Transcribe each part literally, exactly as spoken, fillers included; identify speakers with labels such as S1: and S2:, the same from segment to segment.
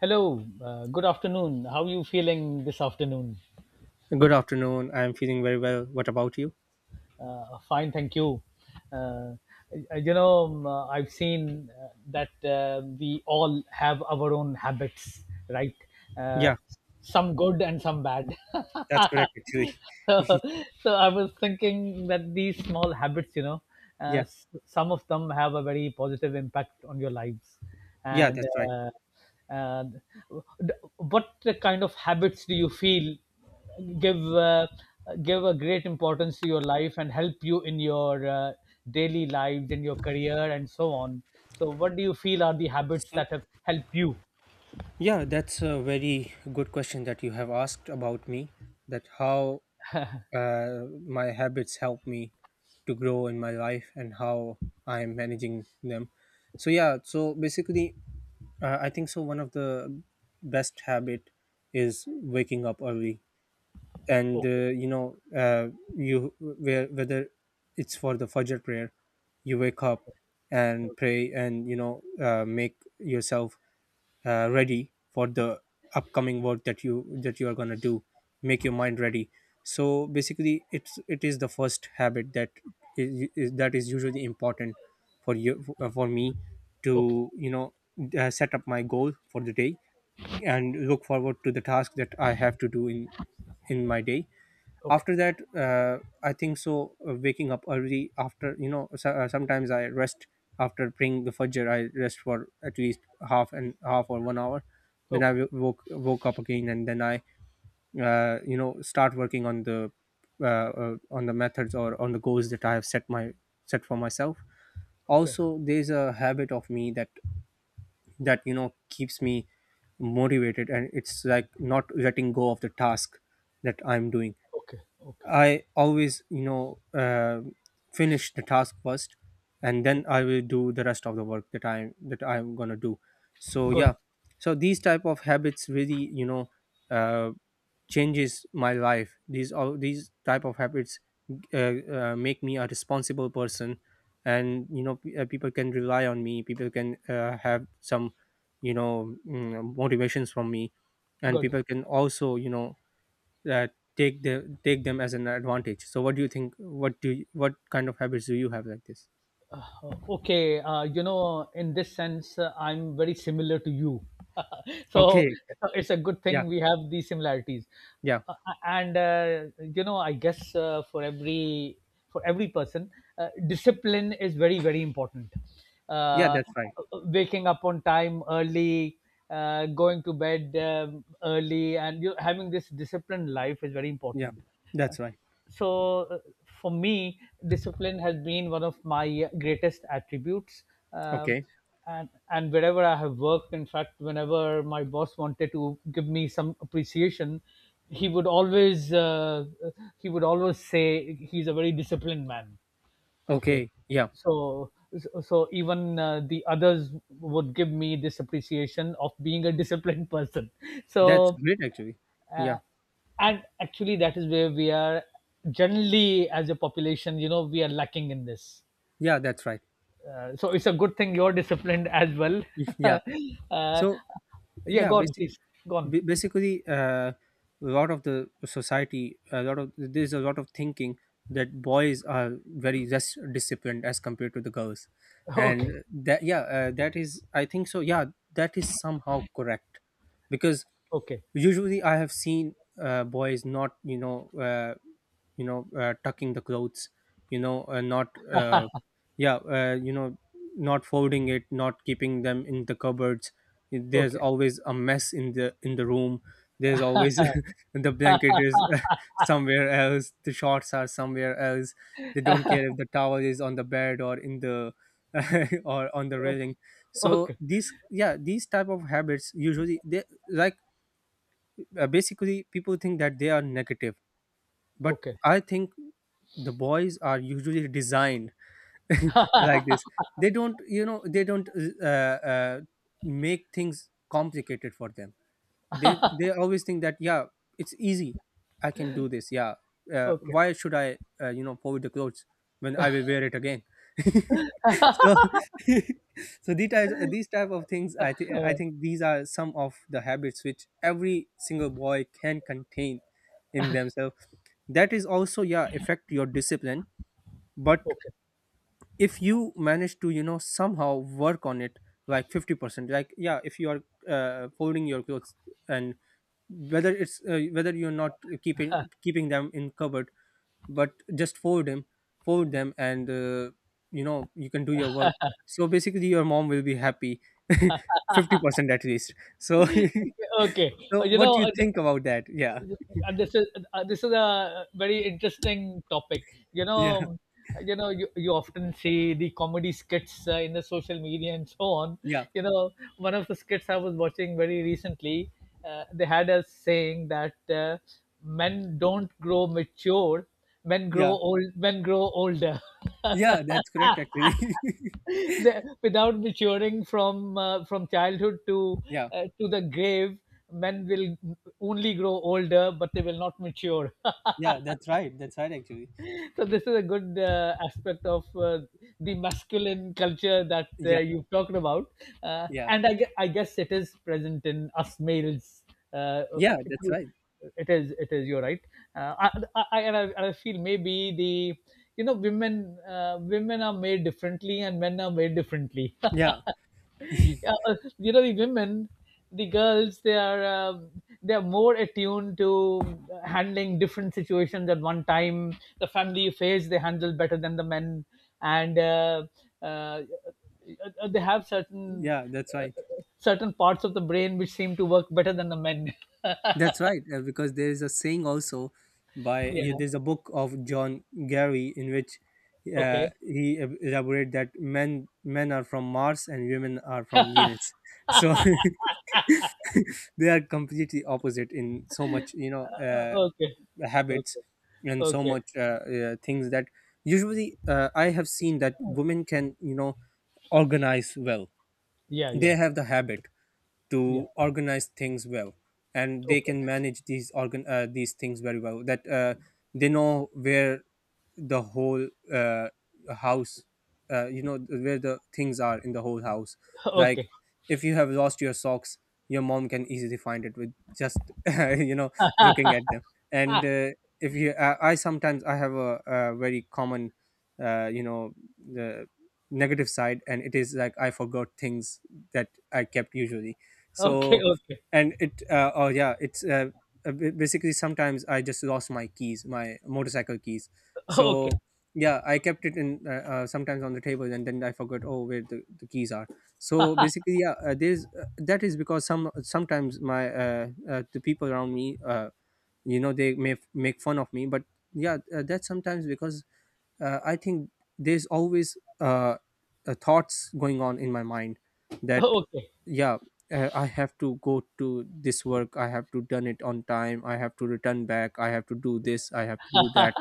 S1: Hello, uh, good afternoon. How are you feeling this afternoon?
S2: Good afternoon. I'm feeling very well. What about you?
S1: Uh, fine, thank you. Uh, uh, you know, um, uh, I've seen uh, that uh, we all have our own habits, right? Uh,
S2: Yeah,
S1: some good and some bad.
S2: that's correct actually.
S1: So I was thinking that these small habits, you know, uh,
S2: Yeah,
S1: s- some of them have a very positive impact on your lives.
S2: yeah,
S1: And
S2: that's right.
S1: uh, and d- what kind of habits do you feel give uh, give a great importance to your life and help you in your uh, daily lives, in your career, and so on? So, what do you feel are the habits
S2: So,
S1: that have helped you?
S2: yeah, that's a very good question that you have asked about me that how uh, my habits help me to grow in my life and how I'm managing them. So, yeah, so basically, uh, I think so. One of the best habit is waking up early and
S1: Okay,
S2: uh, you know uh, you where whether it's for the fajr prayer you wake up and pray and you know uh, make yourself uh, ready for the upcoming work that you that you are going to do, make your mind ready. So basically it's it is the first habit that is, is that is usually important for you uh, for me
S1: okay,
S2: to you know uh, set up my goal for the day and look forward to the task that I have to do in in my day.
S1: okay,
S2: After that, uh, I think so. Uh, waking up early, after you know so, uh, sometimes I rest. After praying the fajr, I rest for at least half and half or one hour, then I
S1: okay,
S2: wo- woke woke up again and then I uh, you know, start working on the uh, uh, on the methods or on the goals that I have set my set for myself.
S1: okay,
S2: Also, there's a habit of me that that you know, keeps me motivated, and it's like not letting go of the task that I'm doing.
S1: okay, okay,
S2: I always, you know, uh, finish the task first, and
S1: okay.
S2: then I will do the rest of the work that I that I'm gonna do. So
S1: Good,
S2: yeah, so these type of habits really, you know, uh, changes my life. These all these type of habits uh, uh, make me a responsible person, and you know, p- uh, people can rely on me. People can uh, have some, you know, mm, motivations from me, and
S1: good.
S2: people can also, you know, uh, take the take them as an advantage. So what do you think, what do you, what kind of habits do you have like this?
S1: Uh, okay, uh, you know in this sense, uh, I'm very similar to you. so
S2: Okay.
S1: so it's a good
S2: Yeah,
S1: thing we have these similarities.
S2: yeah.
S1: Uh, and uh, you know I guess uh, for every for every person, uh, discipline is very, very important.
S2: Yeah,
S1: uh,
S2: that's right.
S1: Waking up on time early, uh, going to bed um, early, and you having this disciplined life is very
S2: Yeah,
S1: important. Uh,
S2: that's right.
S1: so, uh, for me, discipline has been one of my greatest attributes. Um
S2: Okay,
S1: and and wherever I have worked, in fact, whenever my boss wanted to give me some appreciation, he would always uh, he would always say, he's a very disciplined man. Okay.
S2: okay. Yeah,
S1: So so even, uh, the others would give me this appreciation of being a disciplined person.
S2: that's
S1: So,
S2: great actually. Yeah.
S1: uh, and actually that is where we are generally, as a population, you know we are lacking in this.
S2: Yeah, that's right.
S1: Uh, so it's a good thing you're disciplined as well.
S2: Yeah.
S1: uh,
S2: So
S1: yeah,
S2: yeah,
S1: go on,
S2: basic
S1: please. Go on.
S2: ba- basically uh, a lot of the society, a lot of there's a lot of thinking that boys are very less disciplined as compared to the girls.
S1: Okay,
S2: And that yeah uh, that is, I think so, yeah, that is somehow correct. Because
S1: okay,
S2: usually I have seen uh, boys not you know uh, you know, uh, tucking the clothes, you know uh, not uh, yeah uh, you know, not folding it, not keeping them in the cupboards. There's
S1: okay,
S2: always a mess in the in the room. There's always the blanket is somewhere else, the shorts are somewhere else. They don't care if the towel is on the bed or in the or on the railing. So
S1: okay,
S2: these, yeah, these type of habits usually they like uh, basically people think that they are negative, but
S1: okay,
S2: I think the boys are usually designed like this. They don't you know, they don't uh, uh, make things complicated for them. They they always think that yeah, it's easy, I can do this. Yeah, uh,
S1: okay,
S2: why should I uh, you know, fold the clothes when I will wear it again? So so these types, these type of things, i think I
S1: uh,
S2: think these are some of the habits which every single boy can contain in themselves, that is also, yeah, affect your discipline. But
S1: okay,
S2: if you manage to, you know, somehow work on it, like fifty percent, like, yeah, if you are uh, folding your clothes, and whether it's uh, whether you're not keeping keeping them in cupboard, but just fold them, fold them, and uh, you know, you can do your work. So basically your mom will be happy fifty percent at least. So
S1: okay, okay. Uh,
S2: so
S1: you
S2: what
S1: know
S2: do you
S1: uh,
S2: think about that? Yeah.
S1: and this is, uh, this is a very interesting topic. you
S2: Yeah.
S1: know you know you, you often see the comedy skits, uh, in the social media and so on.
S2: Yeah.
S1: you know One of the skits I was watching very recently, uh, they had us saying that, uh, men don't grow mature. Men grow
S2: Yeah,
S1: old, men grow older.
S2: yeah, that's correct actually.
S1: They- without maturing from uh, from childhood to
S2: Yeah.
S1: uh, to the grave, men will only grow older, but they will not mature.
S2: Yeah, that's right. That's right, actually.
S1: So this is a good, uh, aspect of uh, the masculine culture that uh,
S2: Yeah,
S1: you've talked about. Uh,
S2: yeah,
S1: and I, gue- I guess it is present in us males. uh,
S2: yeah, that's right.
S1: it is it is you're right. uh, I, I, I, and I, and I feel maybe the, you know women uh, women are made differently and men are made differently.
S2: Yeah,
S1: Yeah, uh, you know the women, the girls, they are, um, they are more attuned to handling different situations at one time, the family phase they handle better than the men. And uh, uh, uh, they have certain
S2: yeah, that's
S1: uh,
S2: right.
S1: certain parts of the brain which seem to work better than the men.
S2: That's right. Uh, because there is a saying also by, yeah,
S1: Yeah,
S2: there's a book of John Gary in which uh,
S1: okay.
S2: he eb- elaborate that men men are from Mars and women are from Venus. So they are completely opposite in so much, you know,
S1: Uh,
S2: uh,
S1: okay,
S2: habits
S1: okay,
S2: and so
S1: okay,
S2: much uh, uh, things that usually uh, I have seen that women can, you know, organize well.
S1: yeah, yeah,
S2: They have the habit
S1: yeah,
S2: to organize things well, and they
S1: okay,
S2: can manage these organ uh, these things very well, that uh, they know where the whole uh, house, uh, you know, where the things are in the whole house. Like,
S1: okay.
S2: if you have lost your socks, your mom can easily find it with just you know, looking at them. And uh, if you, I, I sometimes, I have a, a very common uh, you know, the negative side, and it is like I forgot things that I kept usually.
S1: Okay,
S2: So
S1: okay, okay.
S2: and it uh, oh yeah it's uh, uh, ba- basically, sometimes I just lost my keys, my motorcycle keys. So
S1: Okay,
S2: yeah, I kept it in uh, uh, sometimes on the table, and then I forgot, oh, where the, the keys are. So basically, yeah, uh, there's uh, that is because some sometimes my uh, uh, the people around me uh, you know, they may f- make fun of me. But yeah, uh, that's sometimes because uh, I think there's always uh, uh, thoughts going on in my mind that
S1: okay,
S2: yeah, uh, I have to go to this work. I have to done it on time. I have to return back. I have to do this. I have to do that.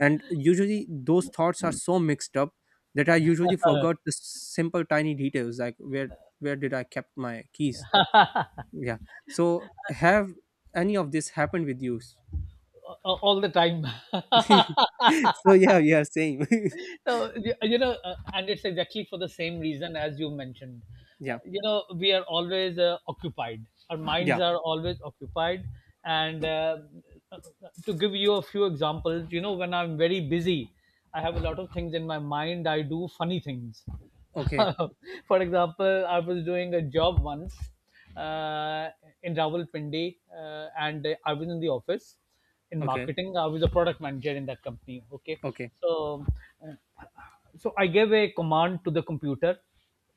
S2: And usually those thoughts are so mixed up that I usually forgot the simple tiny details like where where did I kept my keys. Yeah. So have any of this happened with you?
S1: uh, all the time.
S2: So yeah, yeah, same.
S1: So you you know, uh, and it's exactly for the same reason as you mentioned. Uh,
S2: Yeah.
S1: you know, we are always uh, occupied. Our minds
S2: Yeah.
S1: are always occupied. And uh, to give you a few examples, you know, when I'm very busy, I have a lot of things in my mind. I do funny things.
S2: Okay.
S1: For example, I was doing a job once, uh, in Rawalpindi, uh, and I was in the office in
S2: Okay.
S1: marketing. I was a product manager in that company. Okay,
S2: Okay.
S1: so uh, so I gave a command to the computer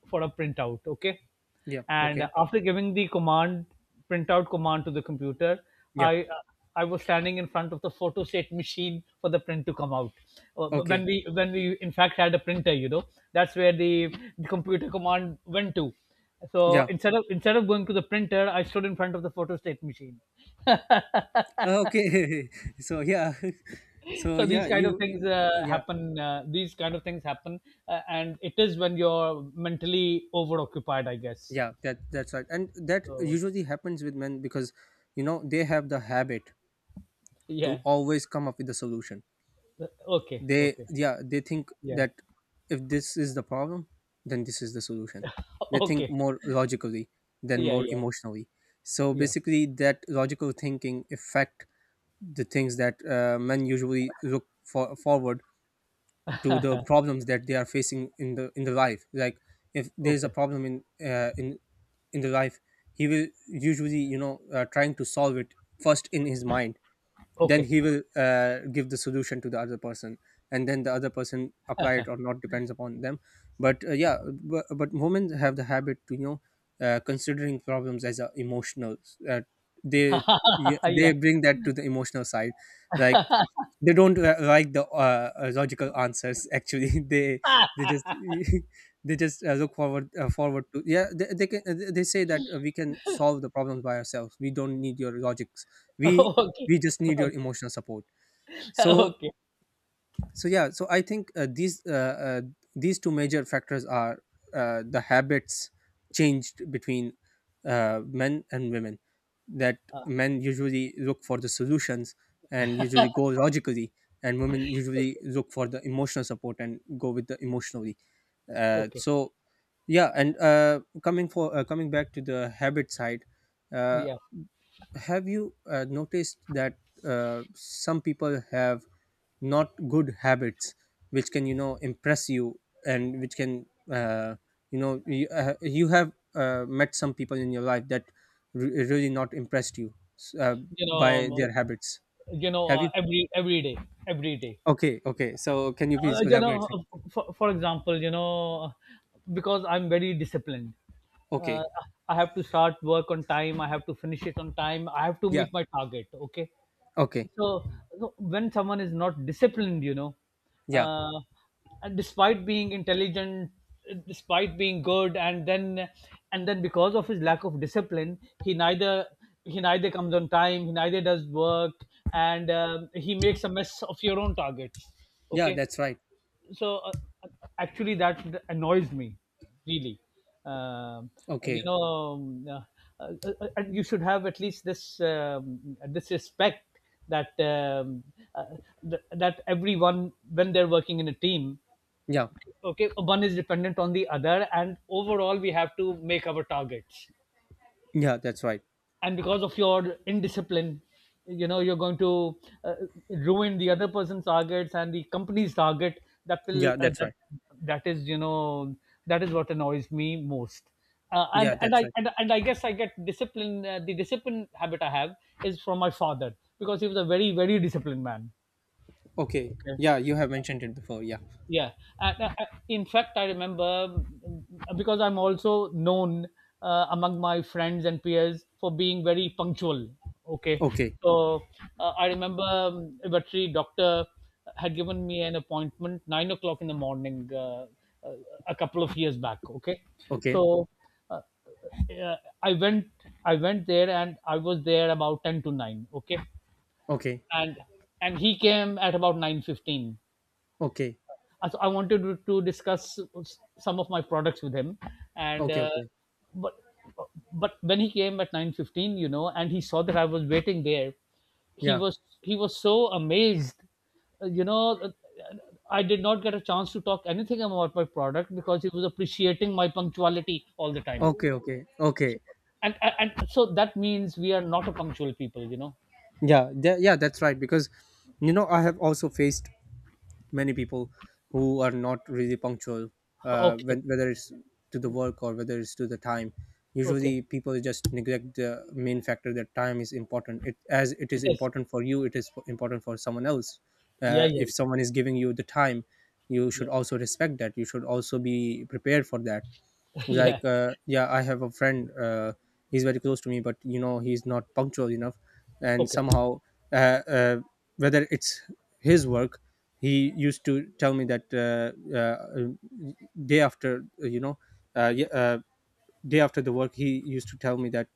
S1: for a printout. Okay,
S2: Yeah.
S1: and
S2: Okay.
S1: after giving the command printout command to the computer,
S2: Yeah.
S1: I I was standing in front of the photostat machine for the print to come out. Uh,
S2: Okay.
S1: When we when we in fact had a printer, you know, that's where the, the computer command went to. So
S2: Yeah.
S1: instead of instead of going to the printer, I stood in front of the photostat machine.
S2: Uh, Okay. So yeah. So
S1: So these
S2: yeah.
S1: kind of
S2: You.
S1: things uh,
S2: Yeah.
S1: happen. Uh, these kind of things happen uh, and it is when you're mentally overoccupied, I guess.
S2: Yeah. That. That's right. And that
S1: So
S2: usually happens with men because, you know, they have the habit to
S1: yeah,
S2: always come up with a solution.
S1: okay,
S2: They.
S1: okay,
S2: Yeah. They think
S1: yeah.
S2: that if this is the problem, then this is the solution. They think
S1: Okay,
S2: more logically than
S1: yeah,
S2: more
S1: yeah,
S2: emotionally. So
S1: yeah,
S2: basically, that logical thinking affect the things that uh, men usually look for forward to the problems that they are facing in the in the life. Like, if there is a
S1: okay,
S2: problem in uh, in in the life, he will usually, you know, uh, trying to solve it first in his mind, then
S1: okay.
S2: he will uh, give the solution to the other person, and then the other person apply it or not, depends upon them. But uh, yeah, but, but women have the habit to, you know, uh, considering problems as a emotional uh, they, yeah, they
S1: Yeah.
S2: bring that to the emotional side. Like, they don't uh, like the uh, uh, logical answers, actually. they they just they just uh, look forward uh, forward to, yeah, they, they can uh, they say that uh, we can solve the problems by ourselves, we don't need your logics. we
S1: Okay,
S2: we just need your
S1: okay.
S2: emotional support. So
S1: Okay,
S2: so yeah, so I think uh, these uh, uh, these two major factors are uh, the habits changed between uh, men and women, that men usually look for the solutions and usually go logically, and women usually look for the emotional support and go with the emotionally. Uh,
S1: okay,
S2: so yeah. And uh, coming for uh, coming back to the habit side, uh,
S1: yeah.
S2: have you uh, noticed that uh, some people have not good habits which can, you know, impress you, and which can uh, you know, you, uh, you have uh, met some people in your life that re- really not impressed you s- uh,
S1: you
S2: by
S1: know uh,
S2: their habits,
S1: you know
S2: have
S1: uh,
S2: you?
S1: every every day, every day
S2: Okay, okay. So can you
S1: uh,
S2: please
S1: you
S2: elaborate
S1: know,
S2: some of
S1: uh,
S2: it?
S1: for, for example, you know, because I'm very disciplined, uh,
S2: Okay.
S1: I have to start work on time. I have to finish it on time. I have to
S2: Yeah.
S1: meet my target. Okay,
S2: Okay.
S1: so, so when someone is not disciplined, you know,
S2: Yeah.
S1: uh, and despite being intelligent, despite being good, and then and then because of his lack of discipline, he neither he neither comes on time. He neither does work, and um he makes a mess of your own targets.
S2: Yeah,
S1: Okay.
S2: that's right.
S1: so uh, uh, Actually that annoys me, really. um, you
S2: Okay.
S1: know um, uh, uh, uh, and you should have at least this, um, this respect, that um, uh, th- that everyone, when they're working in a team,
S2: Yeah.
S1: okay, one is dependent on the other, and overall we have to make our targets.
S2: Yeah, that's right.
S1: And because of your indiscipline, you know you're going to uh, ruin the other person's targets and the company's target. That will
S2: Yeah,
S1: uh,
S2: that's
S1: that
S2: right.
S1: that is you know That is what annoys me most. uh,
S2: Yeah,
S1: and and
S2: that's
S1: i
S2: right.
S1: and, and i guess I get discipline uh, the discipline habit I have is from my father, because he was a very, very disciplined man.
S2: Okay,
S1: Okay,
S2: yeah, you have mentioned it before. Yeah.
S1: yeah, and, uh, uh, in fact, I remember, mm, because I'm also known uh, among my friends and peers for being very punctual. Okay,
S2: Okay.
S1: so uh, I remember, um, a veterinary doctor had given me an appointment nine o'clock in the morning, uh, uh, a couple of years back. Okay,
S2: Okay.
S1: so uh, uh, I went I went there, and I was there about ten to nine. Okay,
S2: Okay.
S1: and and he came at about nine fifteen.
S2: Okay.
S1: Uh, so I wanted to to discuss some of my products with him, and
S2: Okay.
S1: uh,
S2: Okay.
S1: but but when he came at nine fifteen, you know, and he saw that I was waiting there, he
S2: Yeah.
S1: was he was so amazed. Uh, You know, uh, I did not get a chance to talk anything about my product, because he was appreciating my punctuality all the time.
S2: Okay, okay, okay.
S1: So- And, and and so that means we are not a punctual people, you know.
S2: Yeah, tha- yeah, that's right. Because you know, I have also faced many people who are not really punctual, uh,
S1: Okay,
S2: when, whether it's to the work or whether it's to the time.
S1: okay,
S2: Usually people just neglect the main factor that time is important. It, as it
S1: it
S2: is
S1: is.
S2: important for you, it is f- important for someone else.
S1: Yeah,
S2: Uh,
S1: yeah,
S2: if someone is giving you the time, you should
S1: yeah.
S2: also respect that. You should also be prepared for that.
S1: Yeah.
S2: Like uh, yeah, I have a friend uh, He's very close to me, but you know he's not punctual enough. And
S1: Okay,
S2: somehow, uh, uh, whether it's his work, he used to tell me that, uh, uh, day after, uh, you know uh, ye- uh, day after the work, he used to tell me that,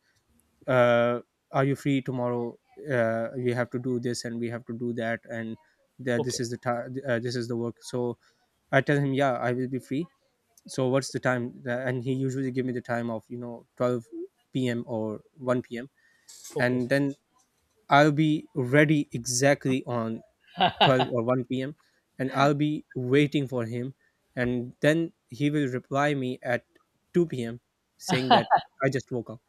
S2: uh, are you free tomorrow, uh, we have to do this and we have to do that and that this
S1: okay,
S2: is the ti uh, This is the work. So I tell him, yeah, I will be free. So what's the time? Uh, and he usually give me the time of you know twelve p.m or one p.m.
S1: okay.
S2: And then I'll be ready exactly on twelve or one p.m, and I'll be waiting for him. And then he will reply me at two p.m, saying that I just woke up.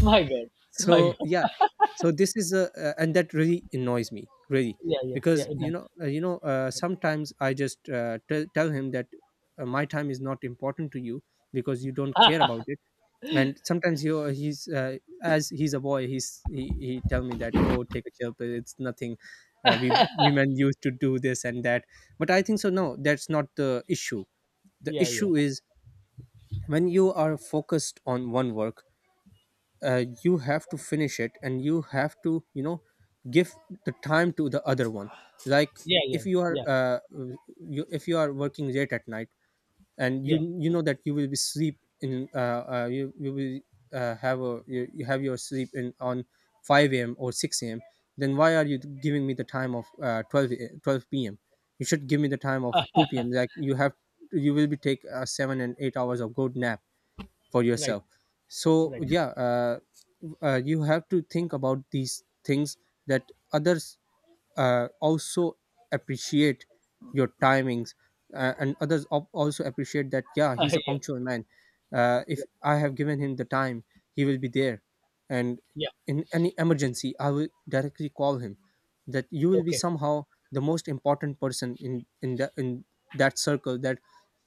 S1: My God, my
S2: So yeah.
S1: God.
S2: So this is a uh, and that really annoys me, really.
S1: Yeah, yeah, yeah,
S2: Because you know uh, you know uh, sometimes I just uh, tell, tell him that, uh, my time is not important to you because you don't care about it. And sometimes he he's uh, as he's a boy, he's he, he tell me that, oh, take a chill pill, it's nothing. Uh, we women used to do this and that. But I think so, no, that's not the issue. The
S1: yeah, yeah,
S2: issue
S1: yeah,
S2: is, when you are focused on one work, uh, you have to finish it, and you have to you know give the time to the other one. Like,
S1: yeah,
S2: if
S1: yeah,
S2: you are
S1: yeah,
S2: uh, you, if you are working late at night, and
S1: yeah.
S2: you you know that you will be sleep in uh, uh you, you will uh, have a you, you have your sleep in on five a.m or six a.m, then why are you giving me the time of uh, twelve a- twelve p.m? You should give me the time of two p.m. Like you have, you will be take uh, seven and eight hours of good nap for
S1: Right,
S2: yourself. So
S1: right.
S2: yeah, uh, uh, you have to think about these things, that others uh, also appreciate your timings uh, and others al- also appreciate that, yeah, he's a
S1: Yeah,
S2: punctual man. Uh, if
S1: yeah,
S2: I have given him the time, he will be there. And
S1: yeah.
S2: in any emergency I will directly call him, that you will be
S1: Okay.
S2: somehow the most important person in in the in that circle. That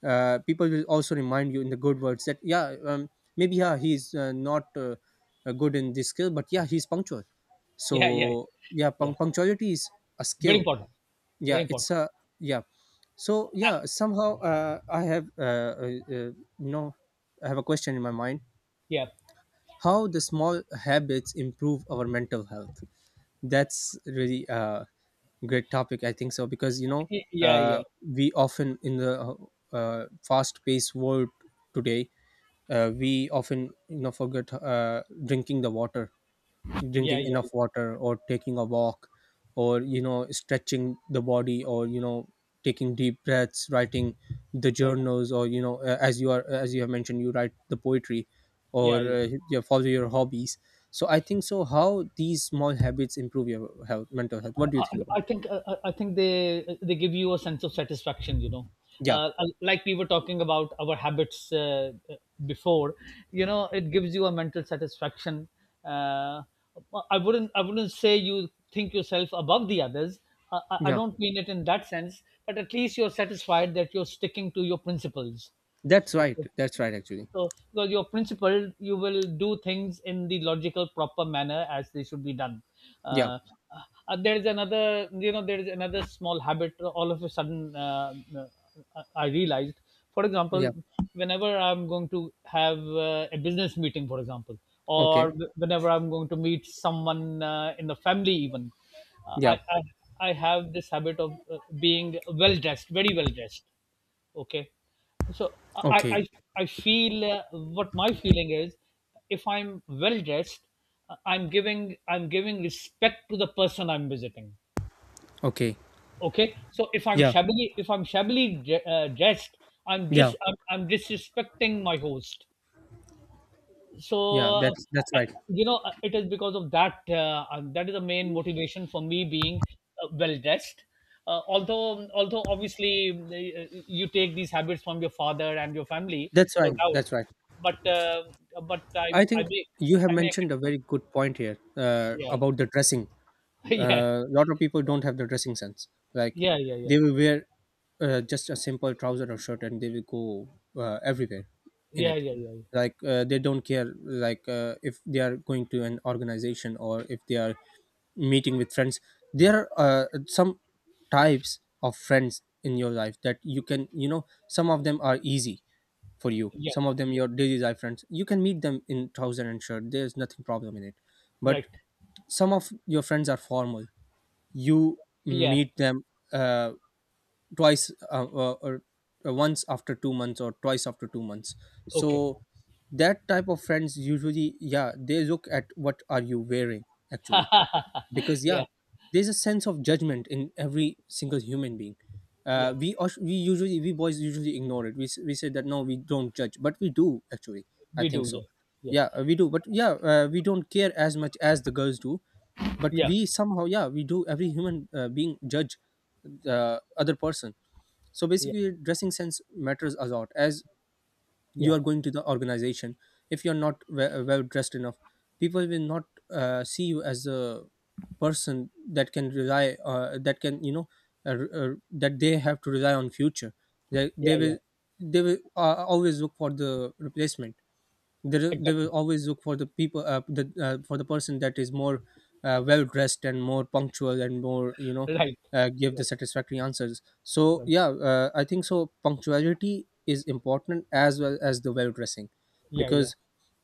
S2: uh, people will also remind you in the good words, that yeah, um, maybe, yeah, he's uh, not uh, uh, good in this skill, but yeah, he's punctual.
S1: Yeah, yeah,
S2: So yeah,
S1: yeah.
S2: punc- punctuality is a
S1: Very
S2: skill.
S1: important. Very
S2: Yeah, it's
S1: important.
S2: a yeah. So
S1: Uh,
S2: yeah, somehow uh, I have uh, uh, uh, you know I have a question in my mind.
S1: yeah,
S2: How the small habits improve our mental health. That's really a great topic, I think so, because you know
S1: yeah, yeah,
S2: uh, we often in the uh, uh, fast-paced world today, uh, we often you know forget uh, drinking the water,
S1: yeah,
S2: drinking
S1: yeah, yeah.
S2: enough water, or taking a walk, or you know stretching the body, or you know taking deep breaths, writing the
S1: Right.
S2: journals, or you know uh, as you are as you have mentioned, you write the poetry,
S1: Yeah,
S2: or
S1: yeah.
S2: uh, you follow your hobbies. So I think so, how these small habits improve your health, mental health. What do you
S1: I,
S2: think about
S1: I
S2: it?
S1: think uh, uh, I think they they give you a sense of satisfaction. You know,
S2: Yeah,
S1: uh, uh, like we were talking about our habits uh, uh, before. You know, it gives you a mental satisfaction. Uh, I wouldn't I wouldn't say you think yourself above the others. I, I I
S2: yeah,
S1: don't mean it in that sense, but at least you're satisfied that you're sticking to your principles.
S2: that's right,
S1: Okay.
S2: that's right, actually.
S1: So, because your principle, you will do things in the logical, proper manner as they should be done.
S2: Yeah,
S1: Uh, uh, there is another, you know, there is another small habit. All of a sudden, uh, uh, I realized. For
S2: yeah.
S1: example, whenever I'm going to have uh, a business meeting, for example,
S2: Okay.
S1: or whenever I'm going to meet someone uh, in the family, even, uh,
S2: Yeah.
S1: I, I I have this habit of uh, being well dressed, very well dressed. Okay, so i
S2: Okay,
S1: i, I feel, uh, what my feeling is, if I'm well dressed, uh, i'm giving i'm giving respect to the person I'm visiting.
S2: okay.
S1: Okay, so if i'm
S2: Yeah,
S1: shabbily if i'm shabbily dre- uh, dressed, i'm
S2: yeah,
S1: dis I'm, I'm disrespecting my host. So
S2: yeah,
S1: uh,
S2: that's that's right,
S1: you know uh, it is because of that. Uh, uh, that is the main motivation for me being uh, well dressed. uh, although although obviously uh, you take these habits from your father and your family,
S2: that's
S1: no
S2: right,
S1: doubt.
S2: that's right.
S1: But uh, but i
S2: I
S1: i
S2: think
S1: make
S2: you have
S1: i make
S2: mentioned a
S1: it.
S2: very good point here, uh, about the dressing.
S1: Yeah,
S2: A lot of people don't have the dressing sense. Like,
S1: yeah, yeah,
S2: they
S1: yeah,
S2: will wear uh, just a simple trouser or shirt, and they will go uh, everywhere in
S1: yeah,
S2: it.
S1: yeah, yeah,
S2: Like, uh, they don't care. Like, uh, if they are going to an organization, or if they are meeting with friends, there are uh, some types of friends in your life that you can, you know some of them are easy for you,
S1: yeah,
S2: some of them
S1: yeah,
S2: your daily life friends, you can meet them in trouser and shirt, there's nothing problem in it. But
S1: right,
S2: some of your friends are formal, you
S1: yeah,
S2: meet them uh, twice uh, uh, or uh, once after two months, or twice after two months.
S1: okay.
S2: So that type of friends, usually, yeah, they look at what are you wearing, actually. Because, yeah,
S1: Yeah,
S2: there's a sense of judgment in every single human being. Uh,
S1: yeah,
S2: we us- we usually we boys usually ignore it, we, s- we say that no, we don't judge, but we do, actually, I
S1: we
S2: think
S1: do,
S2: so.
S1: yeah, yeah,
S2: Yeah, uh, we do, but yeah, uh, we don't care as much as the girls do. But
S1: yeah,
S2: we somehow, yeah, we do, every human uh, being judge the other person. So
S1: yeah,
S2: basically dressing sense matters a lot. As you
S1: yeah,
S2: are going to the organization, if you're not we- uh, well dressed enough, people will not uh, see you as a person that can rely, uh, that can, you know uh, uh, that they have to rely on future. they,
S1: yeah,
S2: they
S1: yeah,
S2: will they will uh, always look for the replacement. They, they will
S1: exactly,
S2: always look for the people, uh, the, uh, for the person that is more uh, well dressed, and more punctual, and more, you know
S1: right.
S2: uh, give
S1: Yeah.
S2: the satisfactory answers. So
S1: Right.
S2: yeah, uh, I think so, punctuality is important as well as the well dressing.
S1: Yeah, yeah,
S2: Because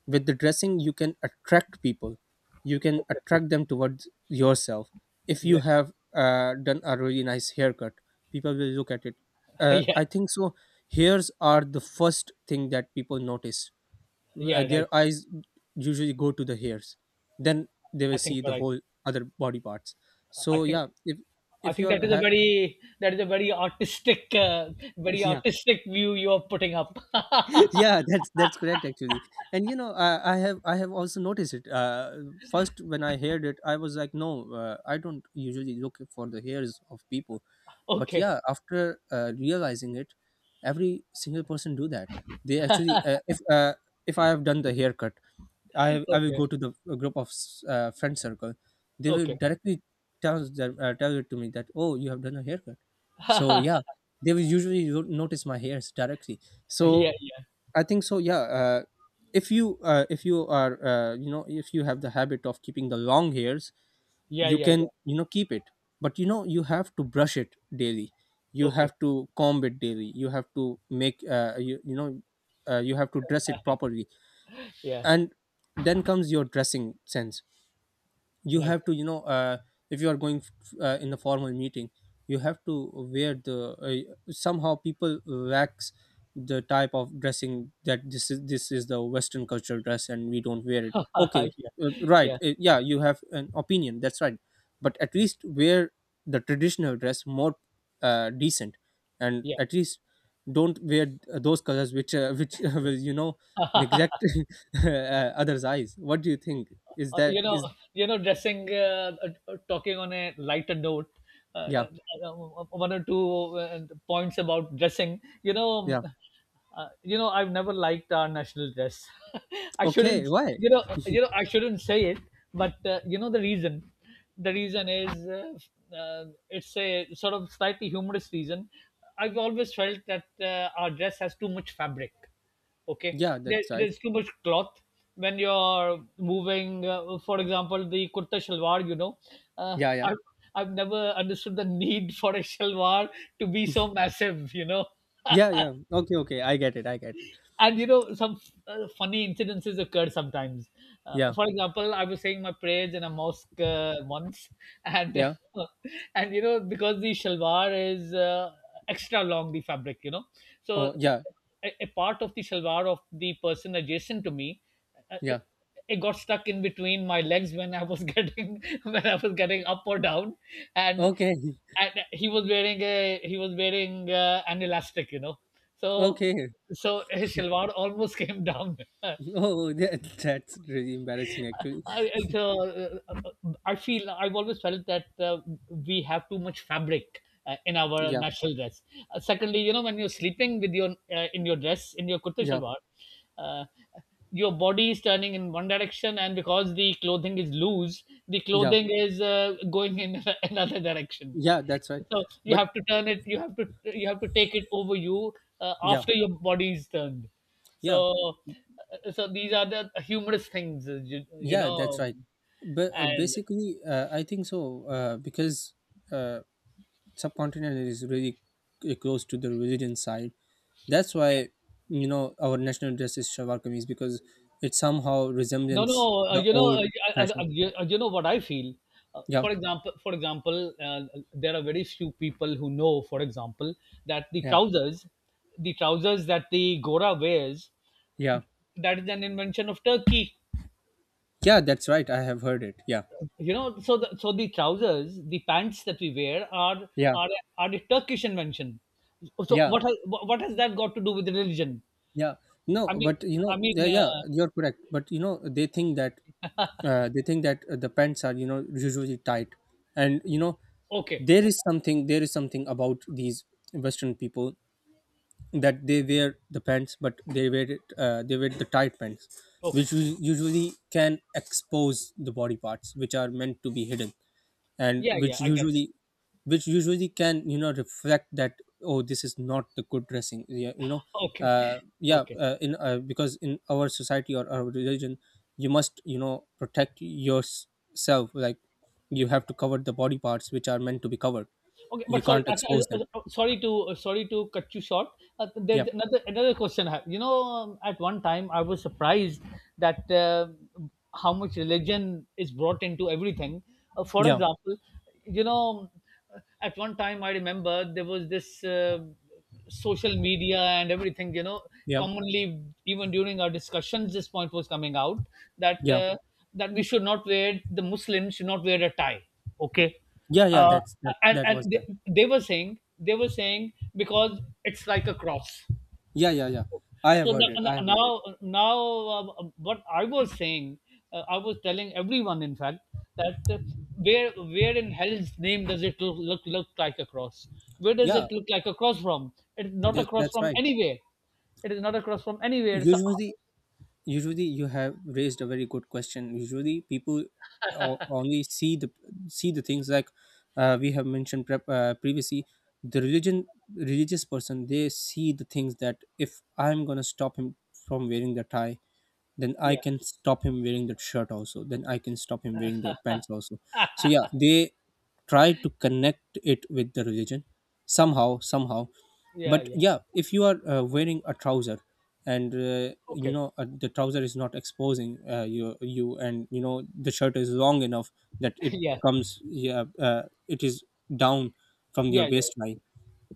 S2: with the dressing you can attract people, you can
S1: exactly,
S2: attract them towards yourself. If you
S1: exactly.
S2: have uh, done a really nice haircut, people will look at it. uh,
S1: Yeah,
S2: I think so, hairs are the first thing that people notice. Uh,
S1: yeah, right.
S2: their eyes usually go to the hairs, then they will
S1: I think
S2: see the
S1: you're right.
S2: whole other body parts.
S1: I
S2: So
S1: think
S2: yeah, if
S1: I
S2: if
S1: think that
S2: you're
S1: is a
S2: ha-
S1: very that is a very artistic, uh, very
S2: yeah.
S1: artistic view you are putting up.
S2: Yeah, that's that's correct, actually. And you know, I, I have i have also noticed it. Uh, first when I heard it, I was like, no, uh, I don't usually look for the hairs of people. But
S1: Okay,
S2: yeah, after uh, realizing it, every single person do that. They actually, uh, if uh, if I have done the haircut, I I will
S1: okay,
S2: go to the a group of s- uh, friend circle. They will
S1: okay.
S2: directly tell them uh, tell it to me that, oh, you have done a haircut. So
S1: Yeah,
S2: yeah, they will usually no- notice my hairs directly.
S1: yeah,
S2: So I think so. Yeah, uh, if you uh, if you are, uh, you know if you have the habit of keeping the long hairs,
S1: yeah,
S2: you
S1: yeah, yeah.
S2: can, you know keep it. But you know, you have to brush it daily. You
S1: Okay,
S2: have to comb it daily. You have to make uh, you you know uh, you have to dress it properly.
S1: yeah,
S2: And then comes your dressing sense. You
S1: right.
S2: have to, you know uh, if you are going uh, in a formal meeting, you have to wear the uh, somehow people wax the type of dressing, that this is this is the Western cultural dress and we don't wear it, okay.
S1: Yeah,
S2: Uh, right,
S1: yeah,
S2: uh, yeah, you have an opinion, that's right. But at least wear the traditional dress more, uh, decent. And
S1: yeah,
S2: at least don't wear uh, those colors which uh, which
S1: yeah.
S2: will you know neglect uh, others eyes. What do you think, is
S1: uh,
S2: that
S1: you know,
S2: is?
S1: you know, dressing, uh, uh, uh, talking on a lighter note, uh,
S2: Yeah.
S1: uh, uh, one or two uh, points about dressing. You know, um,
S2: Yeah.
S1: uh, you know, I've never liked our national dress. I
S2: Okay.
S1: shouldn't,
S2: Why?
S1: you know, uh, you know, I shouldn't say it, but uh, you know the reason. The reason is uh, uh, it's a sort of slightly humorous reason. I've always felt that uh, our dress has too much fabric, okay,
S2: Yeah,
S1: there,
S2: that's right.
S1: there's too much cloth when you're moving, uh, for example the kurta shalwar, you know. uh,
S2: Yeah, yeah.
S1: I've, I've never understood the need for a shalwar to be so massive, you know.
S2: Yeah, yeah. Okay, okay. I get it. I get it.
S1: And you know, some uh, funny incidences occurred sometimes. Uh,
S2: Yeah.
S1: for example, I was saying my prayers in a mosque uh, once, and
S2: Yeah.
S1: and you know, because the shalwar is uh, extra long, the fabric, you know. So
S2: Oh, yeah.
S1: a, a part of the shalwar of the person adjacent to me, uh, uh,
S2: Yeah.
S1: it got stuck in between my legs when I was getting when I was getting up or down, and
S2: Okay.
S1: and he was wearing a he was wearing uh, an elastic, you know. So
S2: Okay.
S1: so his shalwar almost came down.
S2: Oh, that, that's really embarrassing, actually.
S1: I, it's, uh, I feel I've always felt that uh, we have too much fabric uh, in our
S2: Yeah.
S1: national dress. Uh, secondly, you know, when you're sleeping with your uh, in your dress in your kurta
S2: Yeah.
S1: shalwar, uh, your body is turning in one direction, and because the clothing is loose, the
S2: Yeah.
S1: clothing is uh, going in another direction.
S2: Yeah, that's right.
S1: So you
S2: But
S1: have to turn it. You have to you have to take it over you uh,
S2: yeah.
S1: after your body is turned.
S2: Yeah.
S1: So, uh, so these are the humorous things, uh, you, you
S2: Yeah, that's
S1: know.
S2: right. But uh,
S1: And
S2: basically, uh, I think so, uh, because uh, subcontinent is really c- close to the religion side. That's why, you know, our national dress is shalwar kameez, because it somehow
S1: no,
S2: resembles
S1: no, uh,
S2: the
S1: you know,
S2: old
S1: uh, I- I-
S2: fashion.
S1: I- you, uh, you know what I feel. Uh,
S2: Yeah,
S1: for example, for example, uh, there are very few people who know, for example, that the
S2: yeah,
S1: trousers, the trousers that the Gora wears,
S2: yeah,
S1: that is an invention of Turkey.
S2: yeah. That's right. I have heard it. Yeah,
S1: You know, so the, so the trousers, the pants that we wear are
S2: yeah,
S1: are are a Turkish invention. So
S2: yeah,
S1: what has, what has that got to do with religion?
S2: yeah.
S1: I
S2: No,
S1: mean
S2: but you
S1: I
S2: know, yeah,
S1: mean,
S2: yeah,
S1: uh,
S2: you're correct. But you know, they think that uh, they think that, uh, the pants are, you know, usually tight, and you know,
S1: okay,
S2: there
S1: okay,
S2: is something there is something about these Western people, that they wear the pants, but they wear it uh, they wear the tight pants,
S1: okay.
S2: which u- usually can expose the body parts which are meant to be hidden, and
S1: Yeah, yeah,
S2: which
S1: I get.
S2: usually which usually can, you know, reflect that, oh, this is not the good dressing, yeah, you know.
S1: Okay,
S2: Uh, yeah
S1: okay,
S2: uh, in uh, Because in our society or our religion, you must, you know, protect yourself. Like, you
S1: okay.
S2: have to cover the body parts which are meant to be covered.
S1: Okay,
S2: You
S1: but sorry,
S2: can't
S1: uh, uh,
S2: expose
S1: uh,
S2: them.
S1: uh, sorry to uh, sorry to cut you short. Uh,
S2: Yeah,
S1: there's another another question. I have. You know, um, at one time I was surprised that uh, how much religion is brought into everything. Uh, for
S2: yeah,
S1: example, you know, uh, at one time I remember there was this uh, social media and everything. You know,
S2: yeah,
S1: commonly even during our discussions, this point was coming out that
S2: yeah.
S1: uh, that we should not wear the Muslims should not wear a tie. Okay.
S2: Yeah, yeah,
S1: uh,
S2: that's that.
S1: and
S2: That
S1: and
S2: was
S1: they,
S2: that.
S1: they were saying they were saying because it's like a cross.
S2: Yeah, yeah, yeah. I have
S1: So
S2: heard it.
S1: now
S2: I have heard it.
S1: now, now uh, what I was saying, uh, I was telling everyone, in fact, that uh, where where in hell's name does it look, look look like a cross? Where does
S2: Yeah,
S1: it look like a cross from? It's not a
S2: that
S1: cross
S2: that's
S1: from
S2: right.
S1: anywhere. It is not a cross from anywhere. It's a,
S2: Usually, usually you have raised a very good question. Usually, people o- only see the, see the things like, uh, we have mentioned prep, uh, previously. The religion religious person, they see the things that, if I'm gonna stop him from wearing the tie, then I
S1: yeah,
S2: can stop him wearing that shirt also. Then I can stop him wearing the pants also. So yeah, they try to connect it with the religion, somehow, somehow.
S1: yeah,
S2: But
S1: yeah.
S2: yeah, if you are, uh, wearing a trouser, and, uh, you
S1: Okay,
S2: know uh, the trouser is not exposing, uh, you, you, and you know the shirt is long enough that it
S1: yeah,
S2: comes, yeah, uh, it is down from your
S1: yeah, yeah,
S2: waistline,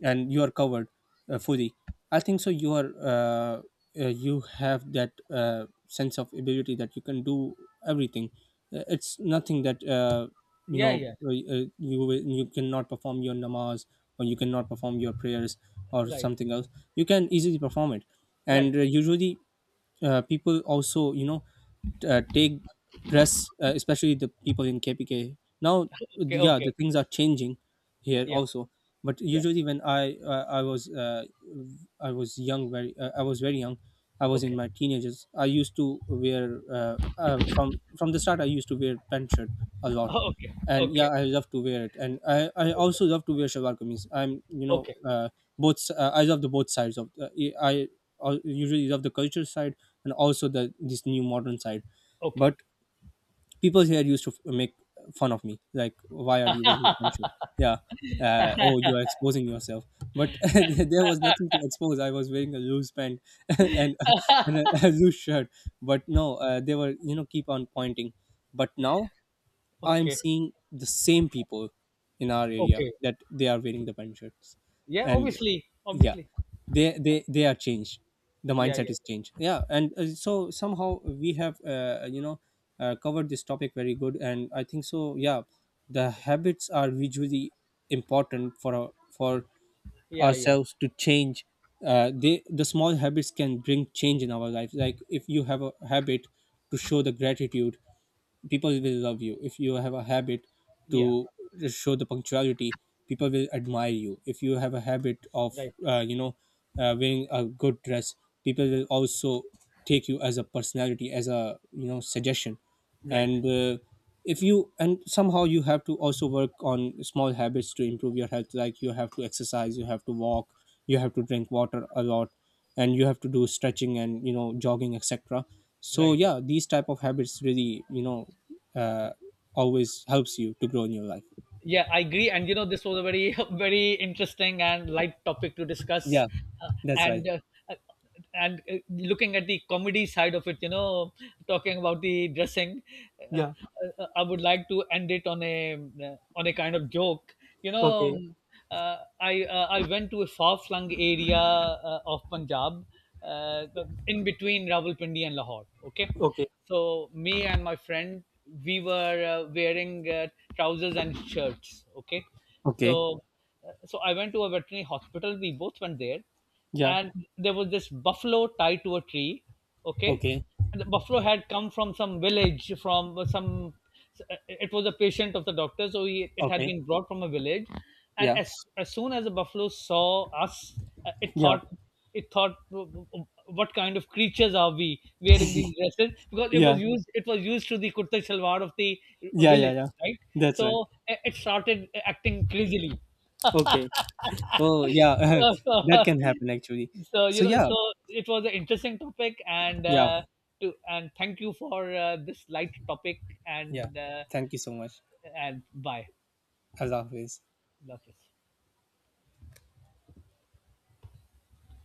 S2: and you are covered, uh, fully. I think so, you are, uh, uh, you have that uh, sense of ability that you can do everything. Uh, it's nothing that, uh, you know
S1: yeah, yeah.
S2: uh, uh, you will- you cannot perform your namaz, or you cannot perform your prayers or
S1: Right,
S2: something else. You can easily perform it.
S1: right.
S2: And uh, usually, uh, people also, you know uh, take dress, uh, especially the people in K P K. Now,
S1: Okay,
S2: yeah, the
S1: okay.
S2: things are changing here
S1: Yeah,
S2: also. But
S1: yeah.
S2: usually, when I uh, I was uh, I was young, very, uh, I was very young. I was in
S1: Okay.
S2: my teenagers. I used to wear, uh, uh, from from the start. I used to wear pant shirt a lot,
S1: Okay.
S2: and yeah,
S1: Okay.
S2: I love to wear it. And I, I
S1: Okay.
S2: also love to wear shalwar kameez. I'm, you know
S1: Okay.
S2: uh, both si, uh, I love the both sides of, uh, I I uh, usually love the culture side, and also the this new modern side.
S1: Okay.
S2: But people here used to f- make fun of me, like, why are you wearing the pink shirt? Yeah, uh, oh, you are exposing yourself. But there was nothing to expose, I was wearing a loose pant and, and a, a loose shirt. But no, uh, they were, you know, keep on pointing. But now I'm
S1: Okay.
S2: seeing the same people in our area
S1: Okay.
S2: that they are wearing the pant shirts,
S1: Yeah,
S2: and
S1: obviously.
S2: yeah,
S1: Obviously.
S2: they they they are changed. The
S1: Yeah,
S2: mindset
S1: yeah.
S2: is changed. Yeah, and uh, so somehow we have, uh, you know uh, covered this topic very good, and I think so. Yeah, the habits are visually important for our, for
S1: Yeah, yeah.
S2: ourselves to change. Uh, they the small habits can bring change in our life. Like, if you have a habit to show the gratitude, people will love you. If you have a habit
S1: Yeah.
S2: to show the punctuality, people will admire you. If you have a habit of,
S1: Right.
S2: uh, you know uh, wearing a good dress, people will also take you as a personality, as a, you know suggestion.
S1: Right.
S2: And uh, if you and somehow, you have to also work on small habits to improve your health. Like, you have to exercise, you have to walk, you have to drink water a lot, and you have to do stretching and, you know, jogging, etc. So
S1: Right.
S2: yeah, these type of habits really, you know uh, always helps you to grow in your life.
S1: Yeah, I agree. And you know, this was a very, very interesting and light topic to discuss.
S2: Yeah,
S1: Uh,
S2: that's right.
S1: and uh, uh, and uh, looking at the comedy side of it, you know, talking about the dressing, uh, uh, I would like to end it on a uh, on a kind of joke. You know, uh, I uh, I went to a far flung area uh, of Punjab, uh, in between Rawalpindi and Lahore. Okay,
S2: Okay.
S1: so me and my friend we were uh, wearing uh, trousers and shirts. Okay,
S2: Okay.
S1: so uh, so I went to a veterinary hospital. We both went there,
S2: Yeah.
S1: and there was this buffalo tied to a tree. Okay,
S2: Okay.
S1: and the buffalo had come from some village from some, it was a patient of the doctor, so he, it had
S2: Okay.
S1: been brought from a village. And
S2: Yeah.
S1: as as soon as the buffalo saw us, uh, it
S2: Yeah.
S1: thought, it thought, what kind of creatures are we wearing these dresses, because it was
S2: Yeah.
S1: used it was used to the kurta shalwar of the
S2: Yeah. Yeah.
S1: village,
S2: Yeah.
S1: right?
S2: That's
S1: So
S2: right.
S1: uh, it started acting crazily.
S2: Okay. Oh, yeah.
S1: So, so,
S2: That can happen, actually.
S1: so
S2: So,
S1: you know,
S2: yeah.
S1: so it was an interesting topic, and
S2: Yeah.
S1: uh, to and thank you for uh, this light topic,
S2: Yeah.
S1: and uh,
S2: Thank you so much.
S1: and bye,
S2: As always.
S1: love you.